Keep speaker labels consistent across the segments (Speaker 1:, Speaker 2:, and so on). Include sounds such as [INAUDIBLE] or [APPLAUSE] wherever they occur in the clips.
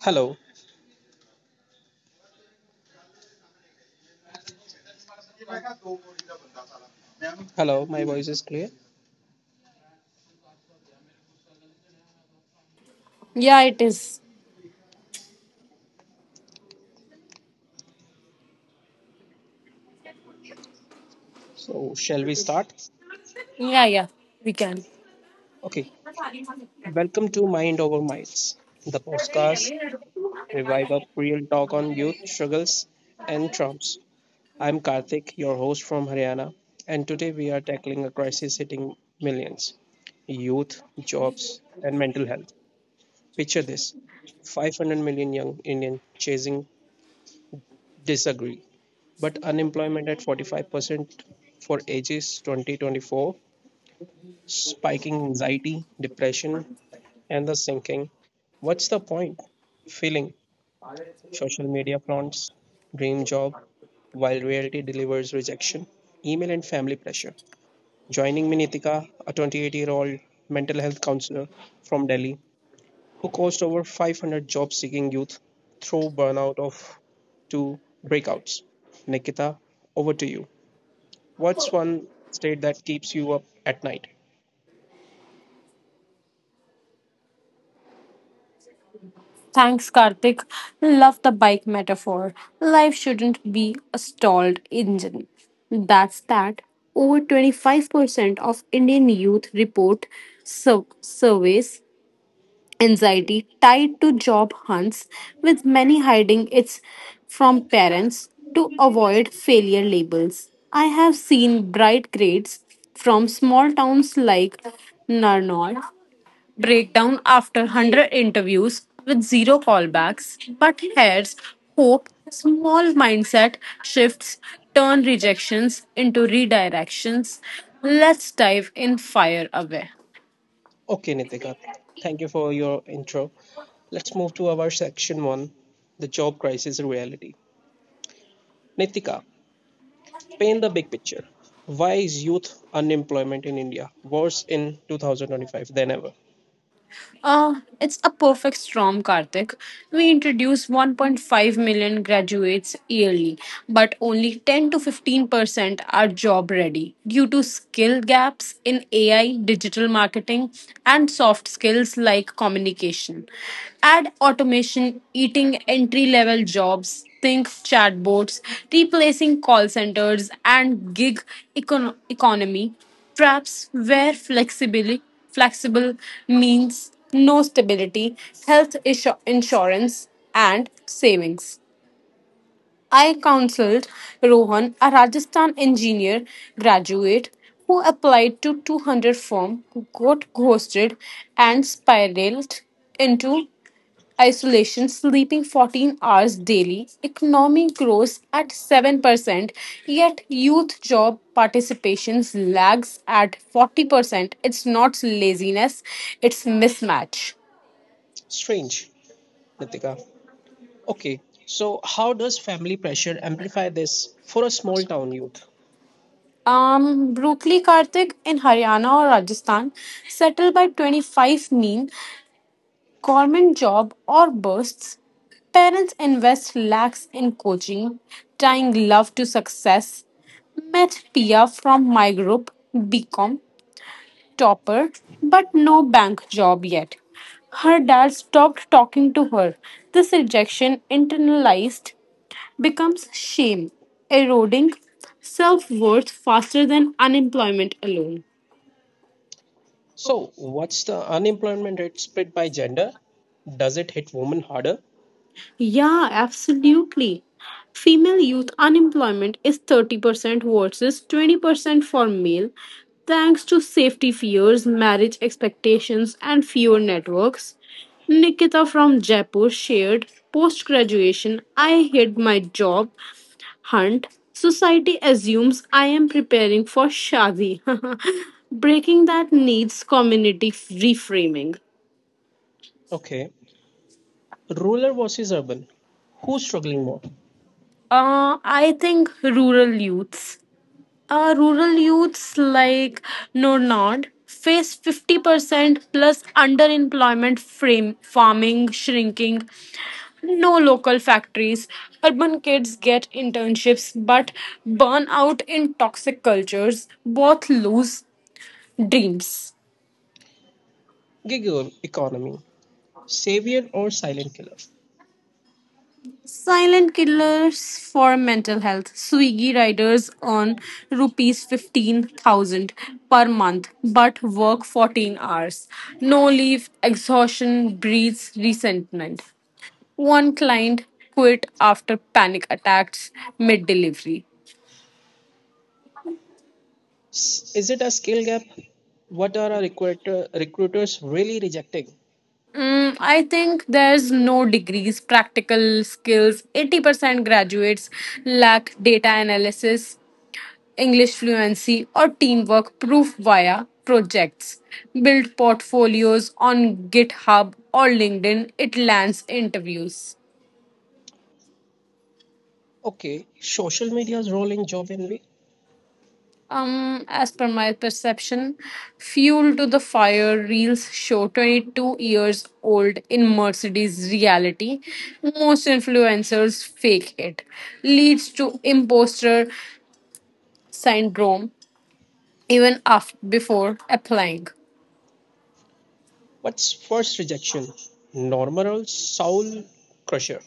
Speaker 1: Hello, hello, my voice is clear.
Speaker 2: Yeah, it is.
Speaker 1: So, shall we start?
Speaker 2: Yeah, yeah, we can.
Speaker 1: Okay, welcome to Mind Over Miles, the podcast revive up real talk on youth struggles and trumps. I'm Karthik, your host from Haryana, and today we are tackling a crisis hitting millions youth, jobs, and mental health. Picture this: 500 million young Indian chasing disagree, but unemployment at 45% for ages 20 24 spiking anxiety, depression, and the sinking. What's the point? Feeling social media flaunts, dream job, while reality delivers rejection, email and family pressure. Joining me Nitika, a 28-year-old mental health counselor from Delhi, who coached over 500 job seeking youth through burnout of to breakouts. Nikita, over to you. What's one state that keeps you up at night?
Speaker 2: Thanks, Karthik. Love the bike metaphor. Life shouldn't be a stalled engine. That's that. Over 25% of Indian youth report surveys anxiety tied to job hunts, with many hiding it from parents to avoid failure labels. I have seen bright grades from small towns like Narnaul breakdown after 100 interviews with zero callbacks, but here's hope: small mindset shifts turn rejections into redirections. Let's dive in, fire away.
Speaker 1: Okay, Nitika, thank you for your intro. Let's move to our section one, the job crisis reality. Nitika, paint the big picture. Why is youth unemployment in India worse in 2025 than ever?
Speaker 2: It's a perfect storm, Karthik. We introduce 1.5 million graduates yearly, but only 10 to 15% are job ready due to skill gaps in AI, digital marketing, and soft skills like communication. Add automation eating entry level jobs, think chatbots replacing call centers, and gig economy traps where flexibly flexible means no stability, insurance, and savings. I counseled Rohan, a Rajasthan engineer graduate who applied to 200 firm, got ghosted, and spiraled into isolation, sleeping 14 hours daily. Economic growth at 7%, yet youth job participation lags at 40%. It's not laziness, it's mismatch.
Speaker 1: Strange, Nitika. Okay, so how does family pressure amplify this for a small town youth?
Speaker 2: Brooklyn Karthik in Haryana or Rajasthan settled by 25 mean government job or bursts. Parents invest lakhs in coaching, tying love to success. Met Pia from my group, BCom topper, but no bank job yet. Her dad stopped talking to her. This rejection internalized becomes shame, eroding self worth faster than unemployment alone.
Speaker 1: So, what's the unemployment rate split by gender? Does it hit women harder?
Speaker 2: Yeah, absolutely. Female youth unemployment is 30% versus 20% for male, thanks to safety fears, marriage expectations, and fewer networks. Nikita from Jaipur shared post graduation, I hid my job hunt. Society assumes I am preparing for Shadi. [LAUGHS] Breaking that needs community reframing.
Speaker 1: Okay, rural versus urban. Who's struggling more?
Speaker 2: I think rural youths like Nornod face 50% plus underemployment, frame farming shrinking, no local factories. Urban kids get internships but burn out in toxic cultures. Both lose dreams,
Speaker 1: Gig economy, savior or silent killer?
Speaker 2: silent killers for mental health. Swiggy riders earn rupees 15,000 per month but work 14 hours. No leave, exhaustion breeds resentment. One client quit after panic attacks mid delivery.
Speaker 1: Is it a skill gap? What are our recruiters really rejecting?
Speaker 2: I think there's no degrees, practical skills. 80% graduates lack data analysis, English fluency, or teamwork proof via projects. Build portfolios on GitHub or LinkedIn, it lands interviews.
Speaker 1: Okay, social media's role in job envy.
Speaker 2: As per my perception, Fuel to the Fire reels show 22 years old in Mercedes reality. Most influencers fake it, leads to imposter syndrome even after before applying.
Speaker 1: What's first rejection? Normal or soul crusher?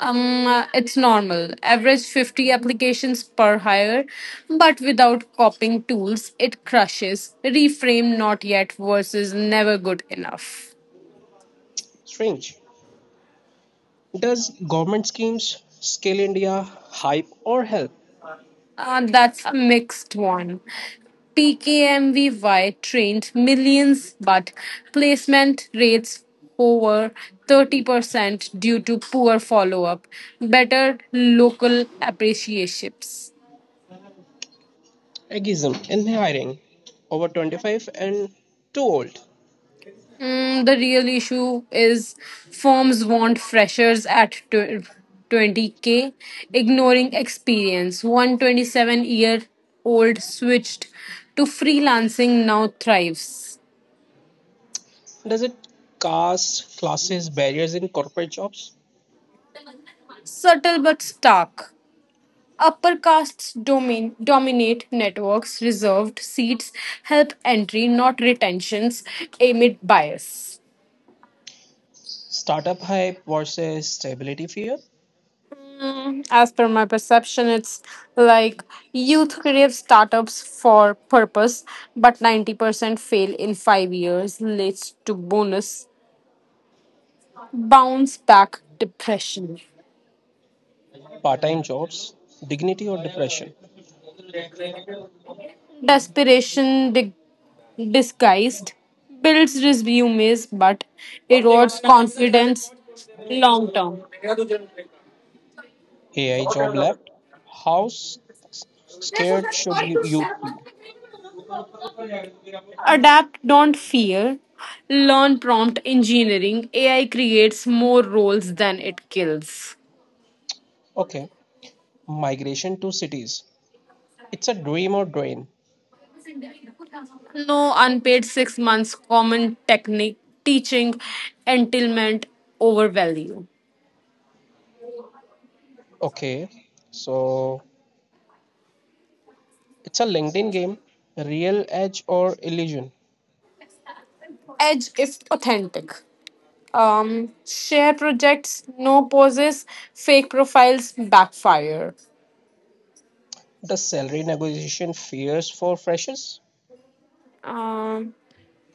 Speaker 2: It's normal. Average 50 applications per hire, but without copying tools, it crushes. Reframe not yet versus never good enough.
Speaker 1: Strange. Does government schemes, Scale India, hype or help?
Speaker 2: That's a mixed one. PKMVY trained millions, but placement rates over 30% due to poor follow up, better local appreciationships.
Speaker 1: Ageism in hiring. Over 25 and too old.
Speaker 2: The real issue is firms want freshers at 20K, ignoring experience. 127 year old switched to freelancing, now thrives.
Speaker 1: Does it cast classes barriers in corporate jobs?
Speaker 2: Subtle but stark. Upper castes dominate networks, reserved seats help entry, not retentions, amid bias.
Speaker 1: Startup hype versus stability fear,
Speaker 2: Mm, as per my perception, it's like youth create startups for purpose, but 90% fail in 5 years, leads to bonus bounce back depression.
Speaker 1: part time jobs, dignity or depression,
Speaker 2: Desperation disguised builds resumes, but erodes confidence long term.
Speaker 1: AI job left, how scared should you youth be?
Speaker 2: Adapt, don't fear. Learn prompt engineering. AI creates more roles than it kills.
Speaker 1: Okay, migration to cities, it's a dream or drain.
Speaker 2: No unpaid 6 months, common technique, teaching, entitlement over value.
Speaker 1: Okay, so it's a LinkedIn game, real edge or illusion.
Speaker 2: Edge if authentic. Share projects, no poses, fake profiles backfire.
Speaker 1: The salary negotiation fears for freshers,
Speaker 2: Um,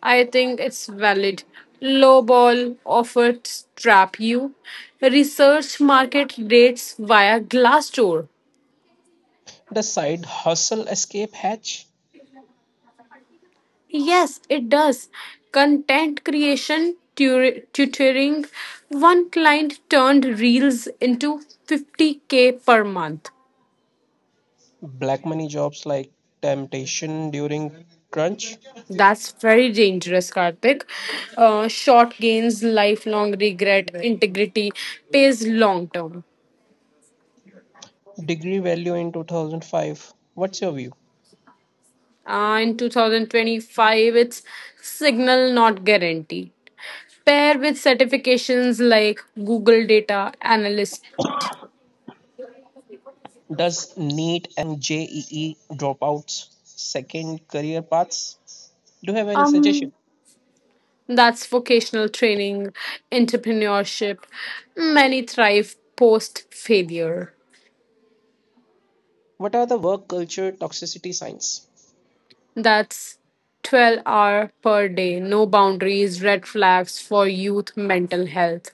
Speaker 2: I think it's valid. Lowball offers trap you. Research market rates via Glassdoor.
Speaker 1: the side hustle escape hatch,
Speaker 2: Yes, it does. Content creation tutoring. One client turned reels into 50K per month.
Speaker 1: Black money jobs like temptation during crunch.
Speaker 2: That's very dangerous, Karthik. Short gains, lifelong regret, integrity pays long term.
Speaker 1: Degree value in 2005. What's your view?
Speaker 2: In 2025, it's Signal Not Guaranteed. Pair with certifications like Google Data Analyst.
Speaker 1: Does NEET and JEE dropouts second career paths? Do you have any suggestion?
Speaker 2: Um, that's vocational training, entrepreneurship. Many thrive post failure.
Speaker 1: What are the work culture toxicity signs?
Speaker 2: That's 12 hour per day, no boundaries, red flags for youth mental health.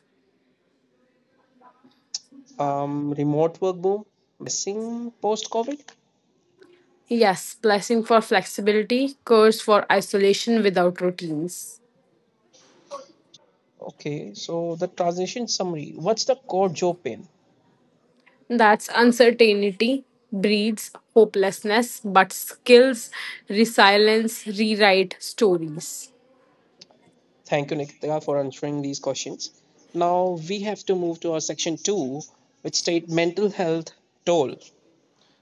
Speaker 1: Remote work boom, blessing post COVID.
Speaker 2: Yes, blessing for flexibility, curse for isolation without routines.
Speaker 1: Okay, so the transition summary. What's the core job pain?
Speaker 2: That's uncertainty breeds hopelessness, but skills, resilience, rewrite stories.
Speaker 1: Thank you, Nikita, for answering these questions. Now we have to move to our section two, which state mental health toll.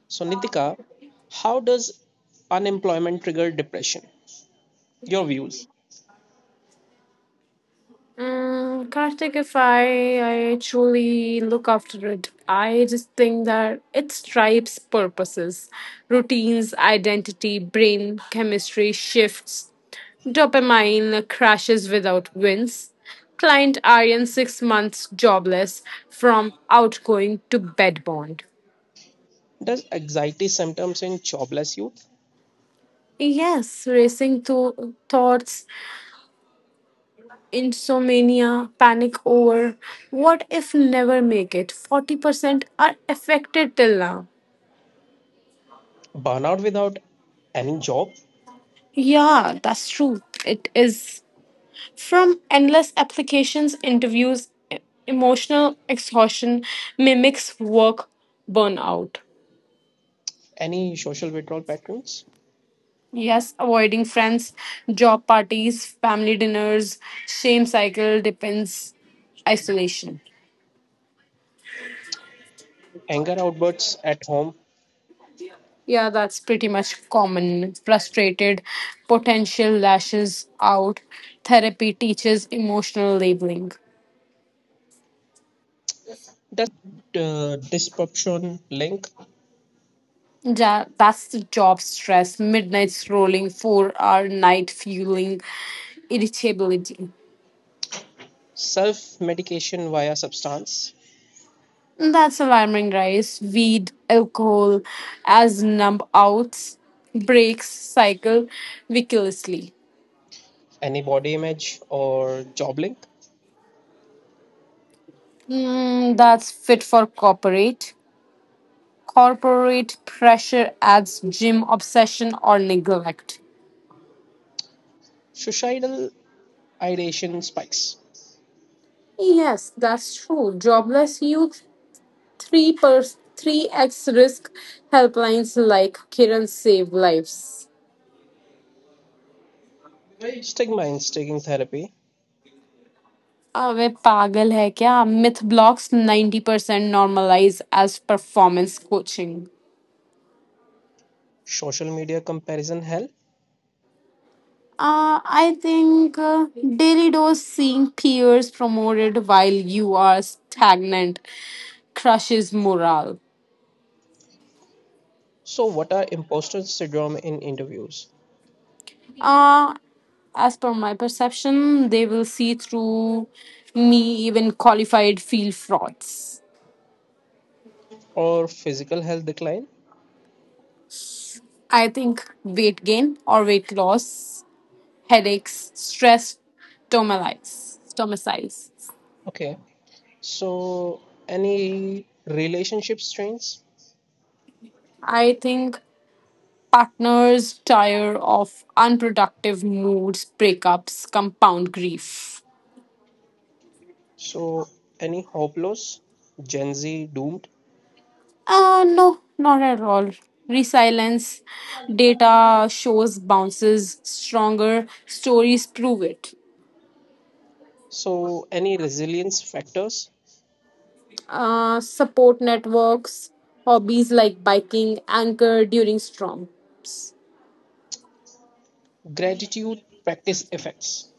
Speaker 1: So, Nitika, how does unemployment trigger depression? Your views.
Speaker 2: Mm, Karthik, if I truly look after it, I just think that it stripes purposes, routines, identity, brain chemistry shifts, dopamine crashes without wins. Client Aryan 6 months jobless, from outgoing to bedbound.
Speaker 1: Does anxiety symptoms in jobless youth,
Speaker 2: Yes, racing to thoughts, insomnia, panic over what if never make it. 40% are affected till now.
Speaker 1: burnout without any job,
Speaker 2: Yeah, that's true. It is from endless applications, interviews, emotional exhaustion mimics work burnout.
Speaker 1: any social withdrawal patterns,
Speaker 2: Yes, avoiding friends, job parties, family dinners, shame cycle depends isolation.
Speaker 1: anger outbursts at home,
Speaker 2: Yeah, that's pretty much common. Frustrated, potential lashes out. Therapy teaches emotional labeling.
Speaker 1: does sleep disruption link
Speaker 2: Yeah, that's the job stress. Midnight scrolling, 4 hour night fueling, irritability.
Speaker 1: self medication via substance,
Speaker 2: That's alarming. Rise Weed, alcohol, as numb outs, breaks cycle viciously.
Speaker 1: any body image or job link.
Speaker 2: Mm, that's fit for corporate. Corporate pressure adds gym obsession or neglect.
Speaker 1: Suicidal ideation spikes.
Speaker 2: Yes, that's true. Jobless youth, 3 per 3x risk, helplines like Kiran save lives.
Speaker 1: Stigma in taking therapy.
Speaker 2: अबे पागल है क्या myth blocks 90% normalize as performance coaching.
Speaker 1: Social media comparison hell.
Speaker 2: I think daily dose seeing peers promoted while you are stagnant crushes morale.
Speaker 1: So, what are imposter syndrome in interviews?
Speaker 2: Uh, as per my perception, they will see through me, even qualified field frauds.
Speaker 1: Or physical health decline?
Speaker 2: I think weight gain or weight loss, headaches, stress, stomatitis, stomatitis.
Speaker 1: Okay. So, any relationship strains?
Speaker 2: I think partners tire of unproductive moods, breakups, compound grief.
Speaker 1: So, any hope loss? Gen Z doomed?
Speaker 2: No, not at all. Resilience data shows bounces stronger, stories prove it.
Speaker 1: So, any resilience factors?
Speaker 2: Uh, support networks, hobbies like biking, anchor during storm.
Speaker 1: Gratitude practice effects?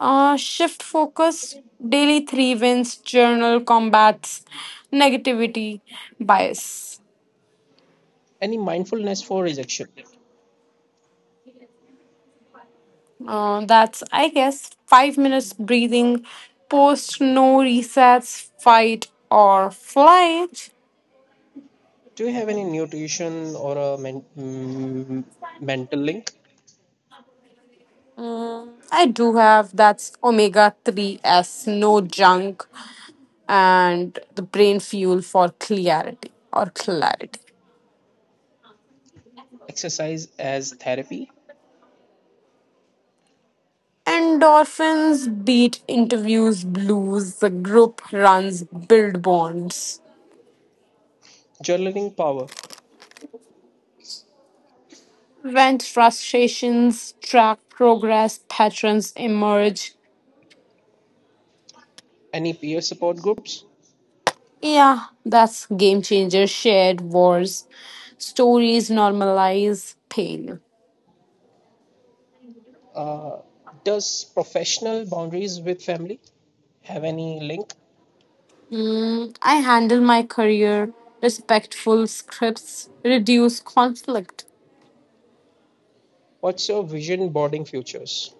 Speaker 2: Shift focus, daily three wins, journal combats, negativity, bias.
Speaker 1: Any mindfulness for rejection?
Speaker 2: That's, I guess, 5 minutes breathing, post no resets, fight or flight.
Speaker 1: Do you have any nutrition or a mental link?
Speaker 2: Mm, I do have that's omega three s, no junk, and the brain fuel for clarity or clarity.
Speaker 1: Exercise as therapy?
Speaker 2: Endorphins beat interviews blues, the group runs build bonds.
Speaker 1: Journaling power?
Speaker 2: Vent frustrations, track progress, patterns emerge.
Speaker 1: Any peer support groups?
Speaker 2: Yeah, that's game changer. Shared wars, stories normalize pain.
Speaker 1: Uh, does professional boundaries with family have any link?
Speaker 2: Mm, I handle my career, respectful scripts reduce conflict.
Speaker 1: What's your vision boarding futures?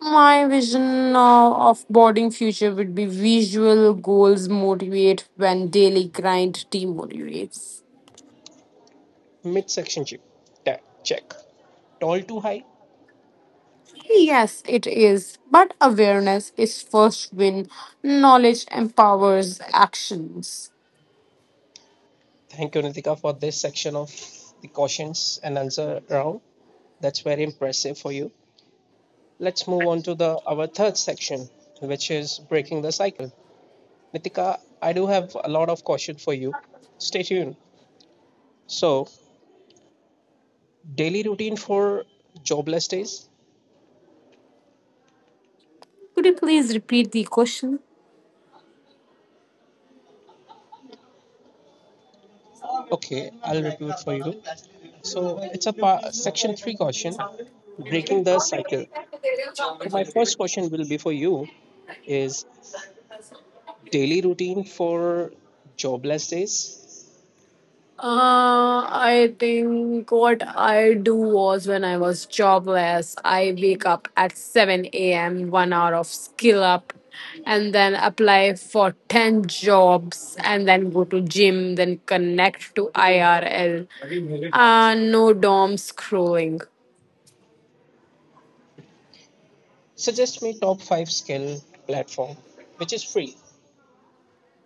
Speaker 2: My vision of boarding future would be visual goals motivate when daily grind demotivates.
Speaker 1: Midsection chip. Check. Tall too high?
Speaker 2: Yes, it is. But awareness is first win. Knowledge empowers actions.
Speaker 1: Thank you, Nitika, for this section of the questions and answer round. That's very impressive for you. Let's move on to the our third section, which is breaking the cycle. Nitika, I do have a lot of caution for you. Stay tuned. So, daily routine for jobless days.
Speaker 2: Could you please repeat the question?
Speaker 1: Okay, I'll repeat for you. So, it's a section three question, breaking the cycle. So, my first question will be for you: is daily routine for jobless days?
Speaker 2: I think what I do was when I was jobless, I wake up at 7 a.m., 1 hour of skill up, and then apply for 10 jobs, and then go to gym, then connect to IRL. No DOM scrolling.
Speaker 1: Suggest me top five skill platform which is free.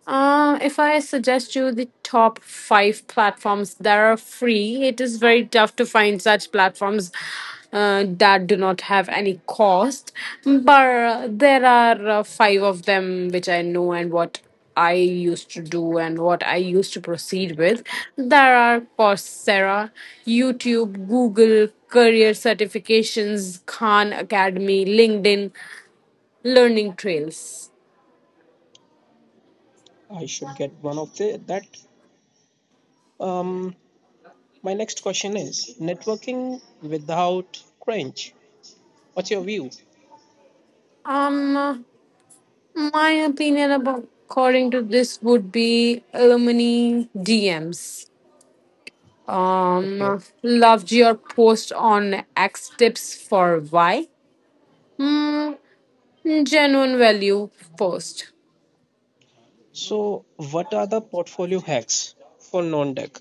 Speaker 2: If I suggest you the top five platforms that are free, it is very tough to find such platforms that do not have any cost. But there are five of them which I know and what I used to do and what I used to proceed with. There are Coursera, YouTube, Google, Career Certifications, Khan Academy, LinkedIn, Learning Trails.
Speaker 1: I should get one of the that. Um, My next question is networking without cringe. What's your view?
Speaker 2: Um, My opinion about according to this would be alumni DMs.
Speaker 1: Okay.
Speaker 2: Loved your post on X tips for Y. Mm, genuine value post.
Speaker 1: So, what are the portfolio hacks for non tech?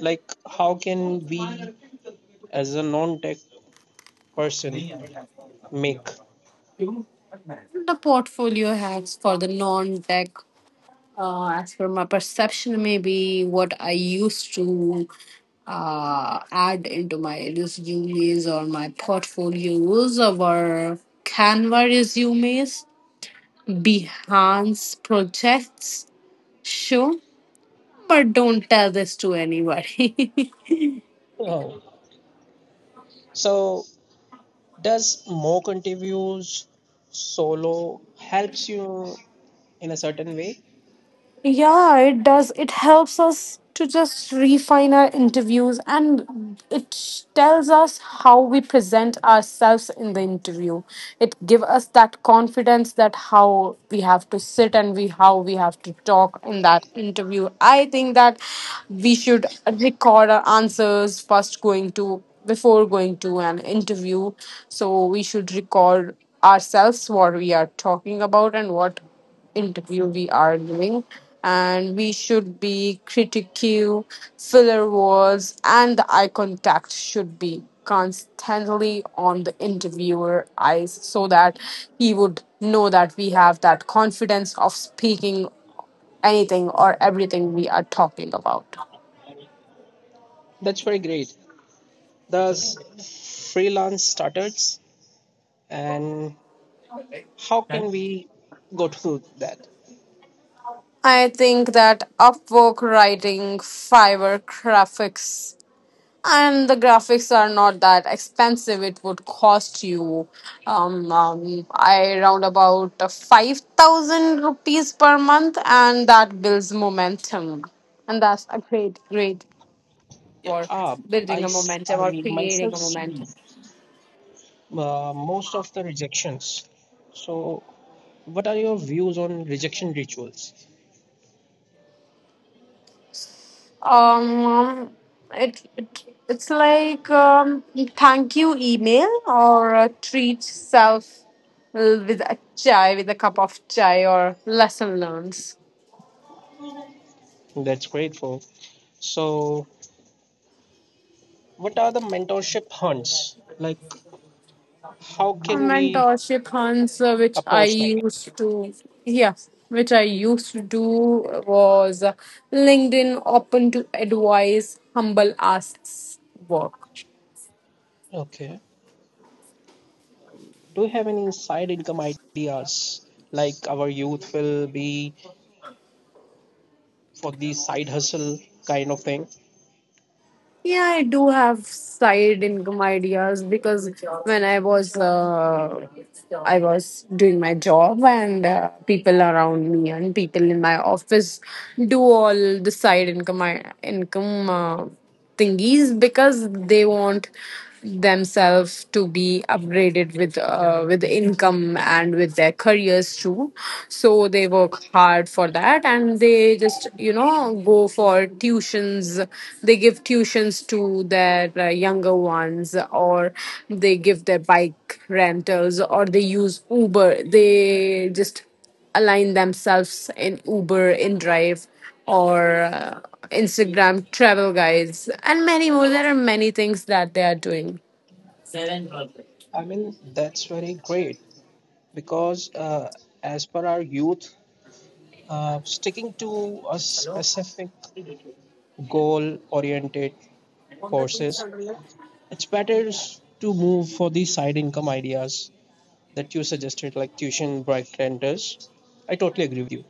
Speaker 1: Like, how can we, as a non tech person, make?
Speaker 2: The portfolio hacks for the non-tech. As per my perception, maybe what I used to add into my resumes or my portfolios or Canva resumes, Behance projects show, but don't tell this to anybody. [LAUGHS]
Speaker 1: Oh. So, does more interviews solo helps you in a certain way?
Speaker 2: Yeah, it does. It helps us to just refine our interviews and it tells us how we present ourselves in the interview. It give us that confidence that how we have to sit and we how we have to talk in that interview. I think that we should record our answers first going to before going to an interview. So we should record ourselves what we are talking about and what interview we are doing and we should be critical filler words, and the eye contact should be constantly on the interviewer eyes so that he would know that we have that confidence of speaking anything or everything we are talking about.
Speaker 1: That's very great. Does freelance starters and how can we go through that?
Speaker 2: I think that Upwork writing, Fiverr graphics, and the graphics are not that expensive. It would cost you I round about 5,000 rupees per month, and that builds momentum, and that's a great
Speaker 1: Yeah,
Speaker 2: for
Speaker 1: I,
Speaker 2: building a momentum
Speaker 1: I
Speaker 2: or creating
Speaker 1: myself
Speaker 2: a
Speaker 1: see
Speaker 2: momentum.
Speaker 1: most of the rejections. So, what are your views on rejection rituals?
Speaker 2: Um um, it, it it's like thank you email, or treat self with a chai, with a cup of chai, or lesson learned.
Speaker 1: That's grateful. So, what are the mentorship hunts? Like, how
Speaker 2: A
Speaker 1: can we
Speaker 2: mentorship hunts which I
Speaker 1: approach like it?
Speaker 2: used to, yeah, which I used to do was LinkedIn open to advice, humble asks work.
Speaker 1: Okay. Do you have any side income ideas? Like, our youth will be for the side hustle kind of thing?
Speaker 2: Yeah, I do have side income ideas, because when I was I was doing my job, and people around me and people in my office do all the side income thingies, because they want themselves to be upgraded with income and with their careers too. So they work hard for that, and they just, you know, go for tuitions, they give tuitions to their younger ones, or they give their bike rentals, or they use Uber, they just align themselves in Uber in drive, or uh, Instagram travel guides, and many more. There are many things that they are doing.
Speaker 1: I mean, that's very great because as per our youth, uh, sticking to a specific goal oriented courses, it's better to move for the side income ideas that you suggested, like tuition, bright renters. I totally agree with you.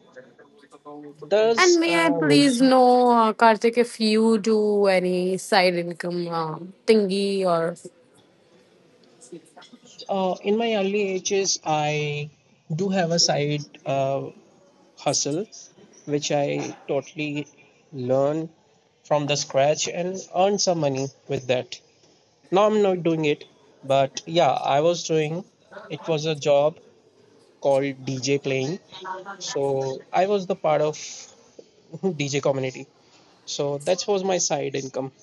Speaker 2: And
Speaker 1: There's,
Speaker 2: may I please know, Karthik, if you do any side income thingy or.
Speaker 1: in my early ages, I do have a side uh, hustle, which I totally learn from the scratch and earn some money with that. Now I'm not doing it, but yeah, I was doing. It was a job called DJ playing, so I was the part of [LAUGHS] DJ community. So that was my side income.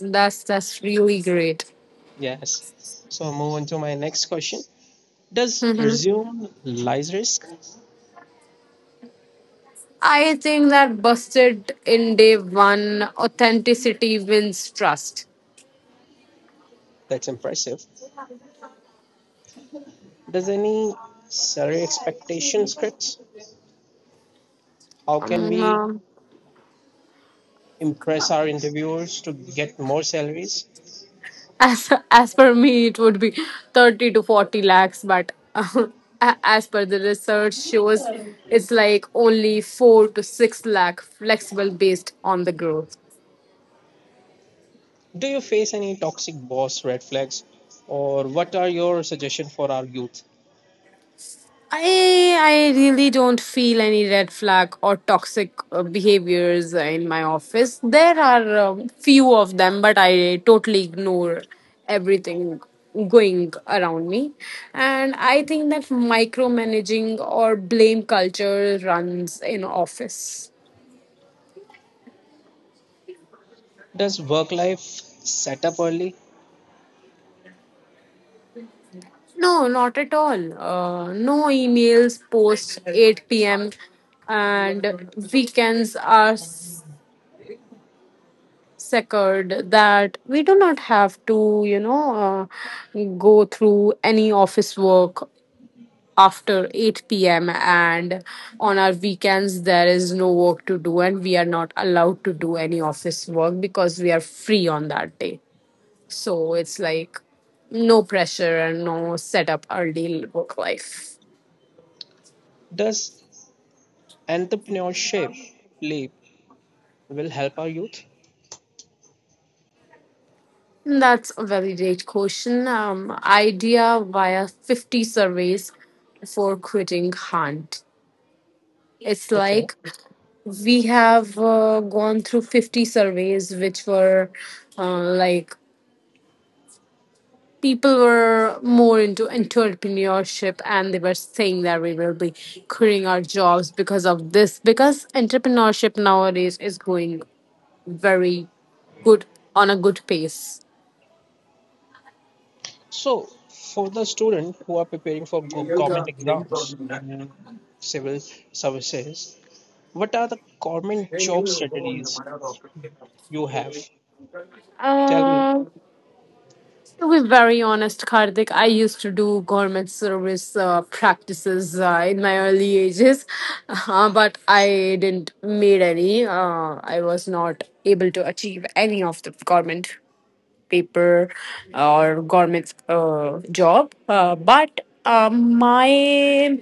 Speaker 2: That's really great.
Speaker 1: Yes. So move on to my next question. Does
Speaker 2: Hmm,
Speaker 1: resume lies risk?
Speaker 2: I think that busted in day one, authenticity wins trust.
Speaker 1: That's impressive. Does any salary expectation scripts? How can
Speaker 2: Um,
Speaker 1: we
Speaker 2: um,
Speaker 1: impress our interviewers to get more salaries?
Speaker 2: as per me, it would be 30 to 40 lakhs, but [LAUGHS] as per the research shows, it's like only four to six lakh flexible based on the growth.
Speaker 1: Do you face any toxic boss red flags, or what are your suggestions for our youth?
Speaker 2: I really don't feel any red flag or toxic behaviors in my office. There are few of them, but I totally ignore everything going around me. And I think that micromanaging or blame culture runs in office.
Speaker 1: Does work life set up early?
Speaker 2: No, not at all. No emails post 8 p.m. and weekends are secured that we do not have to, go through any office work after 8 p.m., and on our weekends there is no work to do, and we are not allowed to do any office work because we are free on that day. So it's like no pressure and no setup early work life.
Speaker 1: Does entrepreneurship leap will help our youth?
Speaker 2: That's a very great question. Idea via 50 surveys for quitting Hunt. It's
Speaker 1: Okay,
Speaker 2: like we have gone through 50 surveys which were like people were more into entrepreneurship, and they were saying that we will be quitting our jobs because of this, because entrepreneurship nowadays is going very good on a good pace.
Speaker 1: so for the student who are preparing for government exams and civil services, what are the government job strategies you have? Tell me.
Speaker 2: uh, To be very honest, Karthik, I used to do government service practices in my early ages, [LAUGHS] but I didn't made any. I was not able to achieve any of the government paper or government job.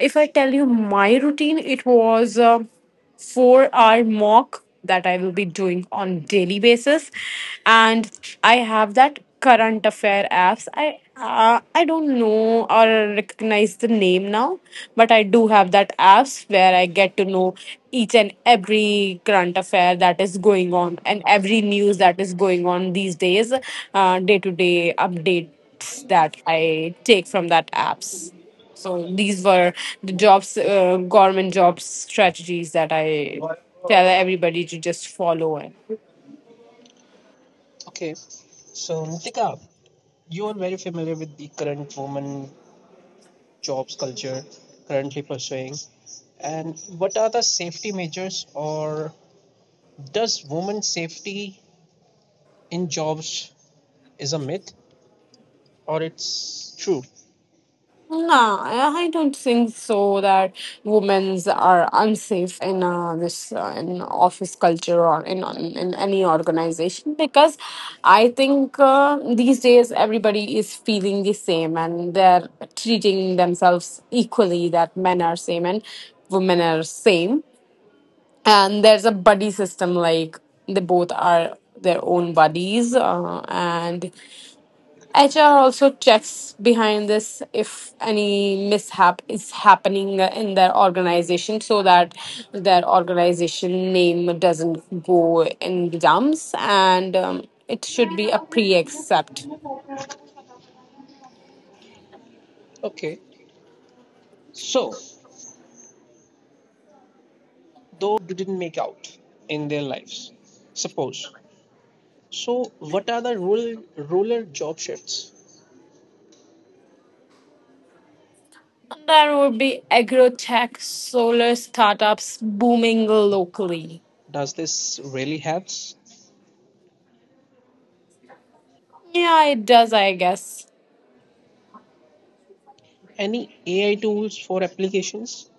Speaker 2: If I tell you my routine, it was. 4 hour mock that I will be doing on daily basis, and I have that current affair apps. I don't know or recognize the name now, but I do have that apps where I get to know each and every current affair that is going on, and every news that is going on these days, day to day updates that I take from that apps. So these were the jobs, government jobs strategies that I tell everybody to just follow. And
Speaker 1: Okay, so Nitika, you are very familiar with the current woman jobs culture currently pursuing? And what are the safety measures, or does women safety in jobs is a myth, or it's true?
Speaker 2: no, I don't think so that women's are unsafe in this in office culture or in any organization, because I think these days everybody is feeling the same, and they're treating themselves equally, that men are same and women are same, and there's a buddy system like they both are their own buddies, and HR also checks behind this if any mishap is happening in their organization so that their organization name doesn't go in the dumps. And it should be a pre-accept
Speaker 1: Okay, so those who didn't make out in their lives, suppose. So, what are the rural job shifts?
Speaker 2: there would be agrotech solar startups booming locally.
Speaker 1: Does this really help?
Speaker 2: Yeah, it does, I guess.
Speaker 1: Any AI tools for applications?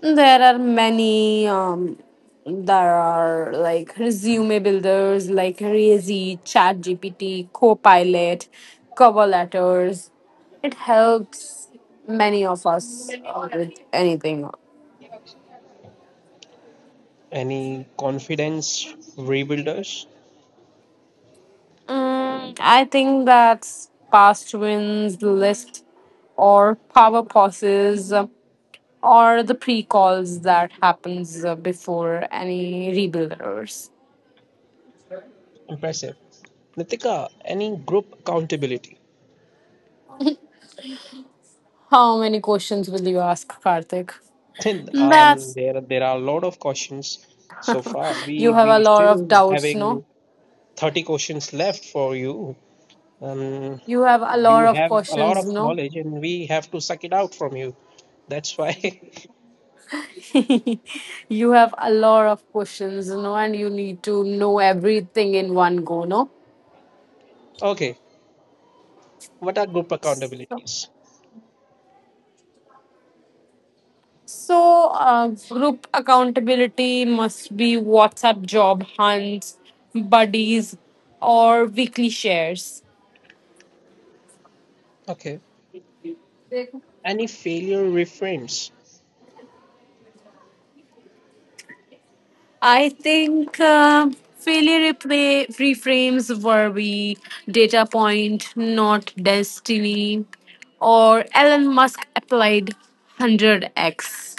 Speaker 2: There are many. There are like resume builders like ChatGPT, Copilot, cover letters. It helps many of us with anything.
Speaker 1: Any confidence rebuilders?
Speaker 2: I think that's past wins list or power pauses or the pre-calls that happens before any rebuilders.
Speaker 1: Impressive. Nitika, any group accountability?
Speaker 2: How many questions will you ask, Karthik?
Speaker 1: [LAUGHS] Then
Speaker 2: That's
Speaker 1: there are a lot of questions so far.
Speaker 2: [LAUGHS]
Speaker 1: We
Speaker 2: you have
Speaker 1: we
Speaker 2: a lot of
Speaker 1: still
Speaker 2: doubts,
Speaker 1: having
Speaker 2: no?
Speaker 1: 30 questions left for you. Um,
Speaker 2: You have a
Speaker 1: you
Speaker 2: lot of
Speaker 1: have a lot
Speaker 2: questions,
Speaker 1: of
Speaker 2: no?
Speaker 1: knowledge and we have to suck it out from you. That's why.
Speaker 2: [LAUGHS] You have a lot of questions, no, and you need to know everything in one go, no?
Speaker 1: [LAUGHS] Okay, what are group
Speaker 2: So,
Speaker 1: accountabilities?
Speaker 2: so, group accountability must be WhatsApp job hunts, buddies, or weekly shares.
Speaker 1: Okay, any failure reframes?
Speaker 2: I think failure replay reframes worry, data point, not destiny, or Elon Musk applied 100x.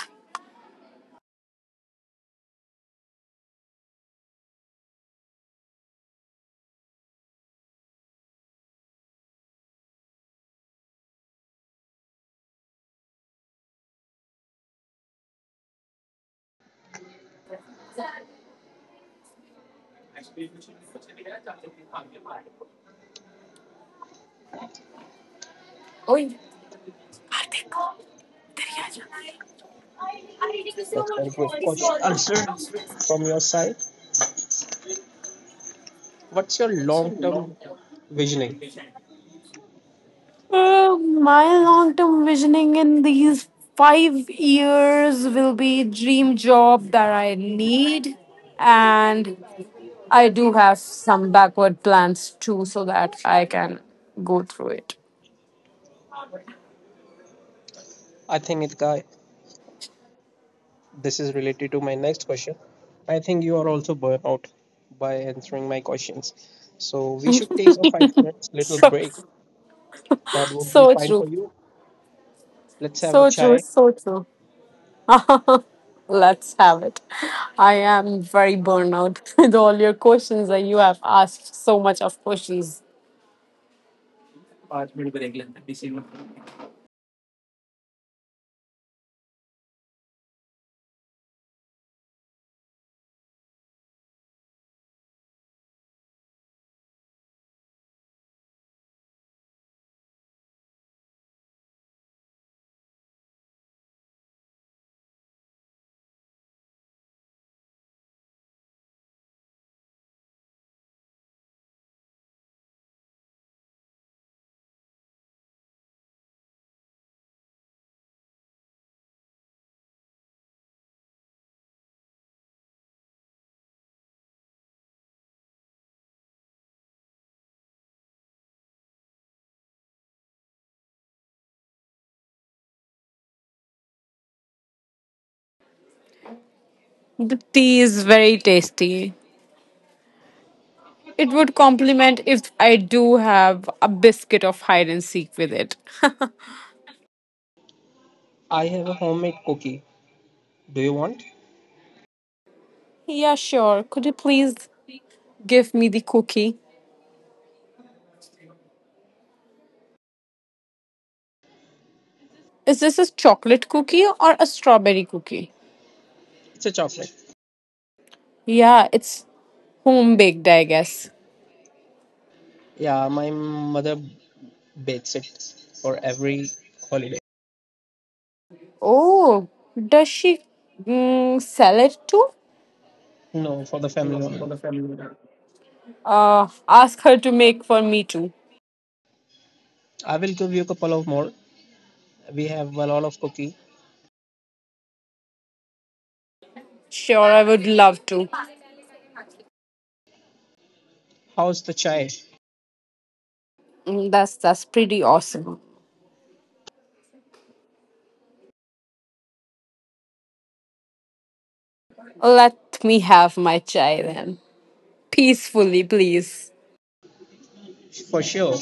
Speaker 2: Oy.
Speaker 1: That's very good question. Answer from your side. What's your long term visioning?
Speaker 2: My long term visioning in these 5 years will be dream job that I need, and I do have some backward plans too, so that I can go through it. [LAUGHS]
Speaker 1: I think Nitika, this is related to my next question. I think you are also burnt out by answering my questions. So we should take a 5 minutes little
Speaker 2: So,
Speaker 1: break. That would be
Speaker 2: so
Speaker 1: fine
Speaker 2: true.
Speaker 1: for you. Let's have a
Speaker 2: So true,
Speaker 1: chai.
Speaker 2: so true. [LAUGHS] Let's have it. I am very burned out [LAUGHS] with all your questions that you have asked so much of questions. The tea is very tasty. It would complement if I do have a biscuit of Hide and Seek with it.
Speaker 1: I have a homemade cookie. Do you want?
Speaker 2: [LAUGHS] Yeah, sure. Could you please give me the cookie? Is this a chocolate cookie or a strawberry cookie?
Speaker 1: It's a chocolate.
Speaker 2: Yeah, it's home baked, I guess.
Speaker 1: Yeah, my mother bakes it for every holiday.
Speaker 2: Oh, does she sell it too?
Speaker 1: No, for the family only.
Speaker 2: Uh, Ask her to make for me too.
Speaker 1: I will give you a couple of more. We have a lot of cookie.
Speaker 2: Sure, I would love to.
Speaker 1: How's the chai?
Speaker 2: That's pretty awesome. Let me have my chai then, peacefully, please.
Speaker 1: For sure.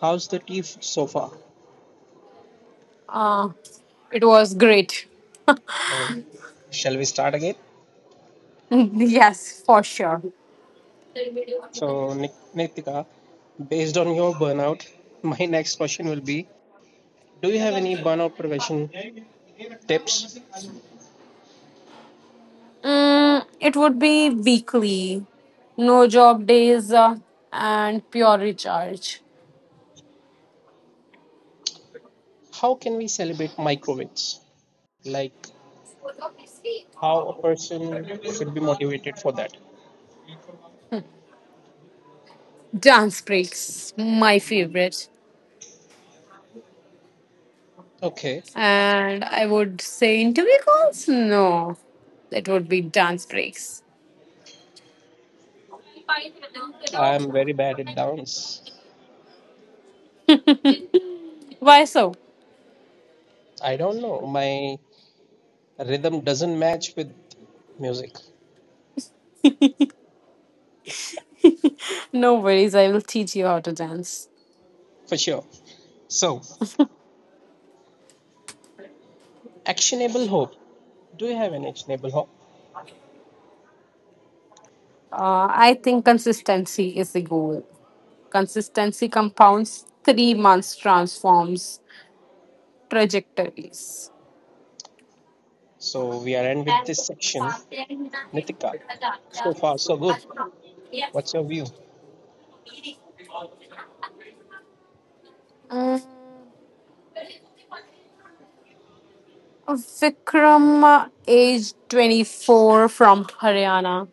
Speaker 1: How's the tea so far?
Speaker 2: Uh, it was great.
Speaker 1: So, shall we start again?
Speaker 2: [LAUGHS] Yes, for sure.
Speaker 1: So, Nitika, based on your burnout, my [LAUGHS] next question will be: do you have any burnout prevention tips?
Speaker 2: Mm, it would be weekly, no job days, and pure recharge.
Speaker 1: How can we celebrate micro wins? Like, how a person should be motivated for that?
Speaker 2: Dance breaks, my favorite.
Speaker 1: Okay,
Speaker 2: And I would say interview calls? No, it would be dance breaks.
Speaker 1: I am very bad at dance.
Speaker 2: Why so?
Speaker 1: I don't know. My rhythm doesn't match with music
Speaker 2: No worries, I will teach you how to dance.
Speaker 1: for sure. So, actionable hope. Do you have an actionable hope?
Speaker 2: I think consistency is the goal. Consistency compounds 3 months, transforms trajectories.
Speaker 1: So, we are end with this section. Nitika, so far, so good. What's your view?
Speaker 2: Mm, Vikram, age 24, from Haryana,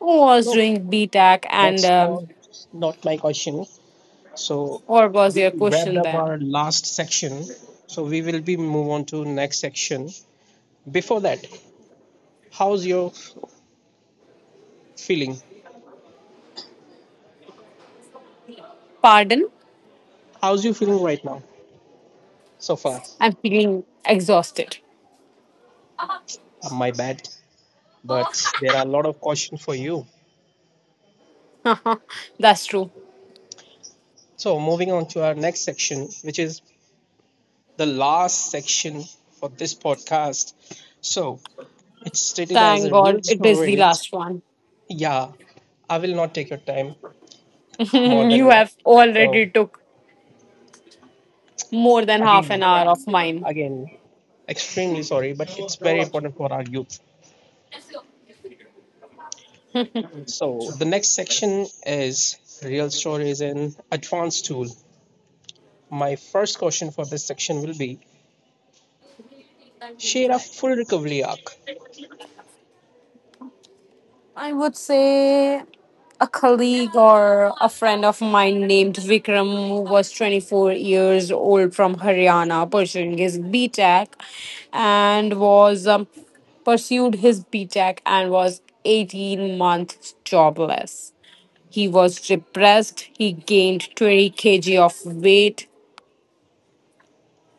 Speaker 2: was
Speaker 1: No.
Speaker 2: doing b BTAC, and
Speaker 1: That's was not my question. So
Speaker 2: what was
Speaker 1: we
Speaker 2: your
Speaker 1: wrapped
Speaker 2: question
Speaker 1: up
Speaker 2: then?
Speaker 1: our last section. So we will be move on to next section. Before that, how's your feeling?
Speaker 2: Pardon?
Speaker 1: How's you feeling right now so far?
Speaker 2: I'm feeling exhausted.
Speaker 1: My bad, but there are a lot of questions for you.
Speaker 2: [LAUGHS] That's true.
Speaker 1: So moving on to our next section, which is the last section for this podcast. So it's stated as
Speaker 2: Thank
Speaker 1: a
Speaker 2: God
Speaker 1: real
Speaker 2: it is the
Speaker 1: stories.
Speaker 2: last one.
Speaker 1: Yeah, I will not take your time
Speaker 2: [LAUGHS]
Speaker 1: more than
Speaker 2: You
Speaker 1: enough.
Speaker 2: have
Speaker 1: So
Speaker 2: already took more than half an
Speaker 1: again
Speaker 2: hour of mine.
Speaker 1: again extremely sorry but it's very important for our youth so the next section is real stories in advanced tool my first question for this section will be share a full recovery arc
Speaker 2: I would say a colleague or a friend of mine named Vikram who was 24 years old from Haryana pursuing his BTech and was pursued his BTech and was 18 months jobless. He was depressed. He gained 20 kg of weight.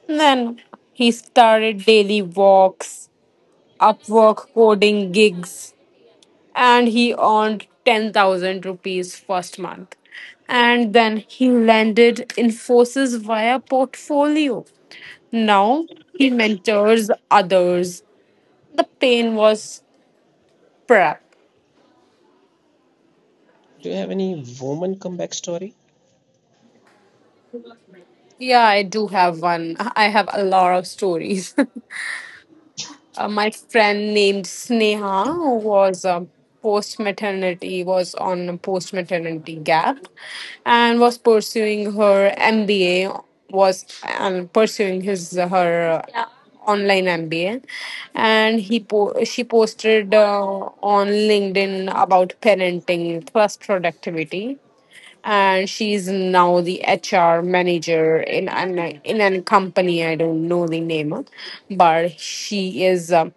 Speaker 2: Then he started daily walks Upwork coding gigs, and he earned 10,000 rupees first month. And then he landed Infosys via portfolio. Now he mentors others. The pain was prep.
Speaker 1: do you have any woman comeback story
Speaker 2: Yeah, I do have one. I have a lot of stories. [LAUGHS] My friend named Sneha, who was was on a post maternity gap, and was pursuing her MBA. Was pursuing his her Yeah. Online MBA, and she posted on LinkedIn about parenting plus productivity. And she is now the HR manager in an in a company. I don't know the name, but she is.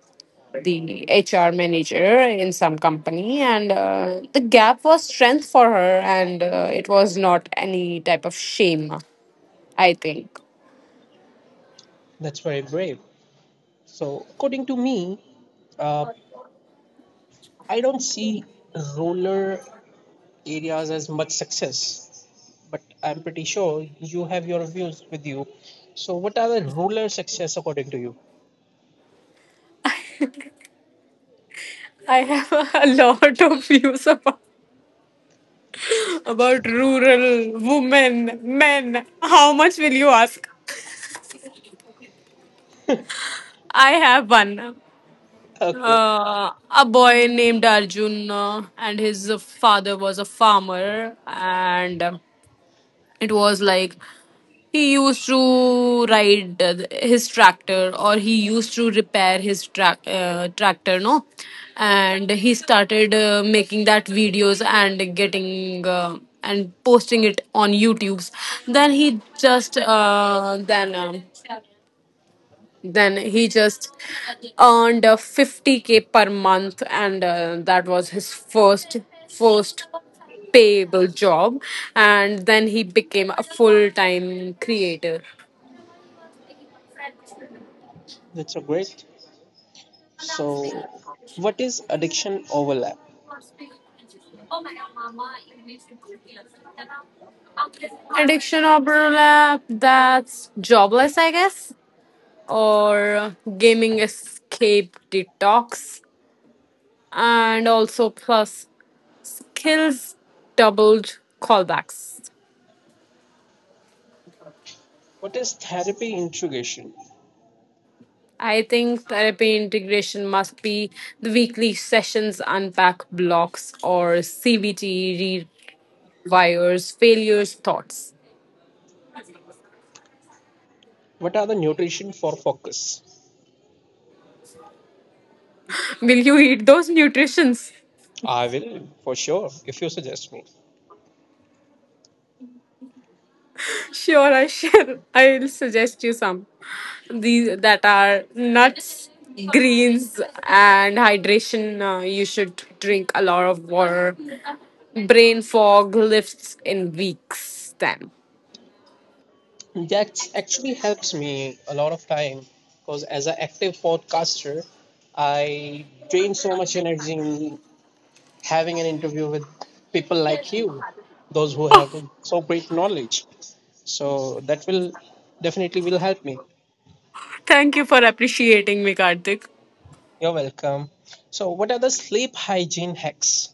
Speaker 2: The HR manager in some company, and the gap was strength for her, and it was not any type of shame, I think.
Speaker 1: that's very brave so according to me uh, I don't see rural areas as much success but I'm pretty sure you have your views with you so what are the rural success according to you
Speaker 2: I have [LAUGHS] a lot of views about rural women, men. How much will you ask? I have one.
Speaker 1: [LAUGHS] okay
Speaker 2: Uh, a boy named Arjun, and his father was a farmer, and it was like he used to ride his tractor or he used to repair tractor, no? And he started making that videos and getting. And posting it on YouTube's, then he just uh, then um, then he just earned 50k per month, and that was his first payable job. And then he became a full time creator.
Speaker 1: that's a great. So, what is addiction overlap?
Speaker 2: Addiction overlap. That's jobless, I guess, or gaming escape detox, and also plus kills doubled callbacks.
Speaker 1: What is therapy integration?
Speaker 2: I think therapy integration must be the weekly sessions, unpack blocks, or CBT rewires, failures, thoughts.
Speaker 1: What are the nutrition for focus?
Speaker 2: Will you eat those nutritions?
Speaker 1: I will for sure if you suggest me.
Speaker 2: Sure, I shall. I'll suggest you some. These that are nuts, greens, and hydration. You should drink a lot of water. Brain fog lifts in weeks. Time.
Speaker 1: That actually helps me a lot of time because as an active podcaster, I drain so much energy in having an interview with people like you, those who have so great knowledge. So that will definitely will help me.
Speaker 2: Thank you for appreciating me, Karthik.
Speaker 1: You're welcome. So, what are the sleep hygiene hacks?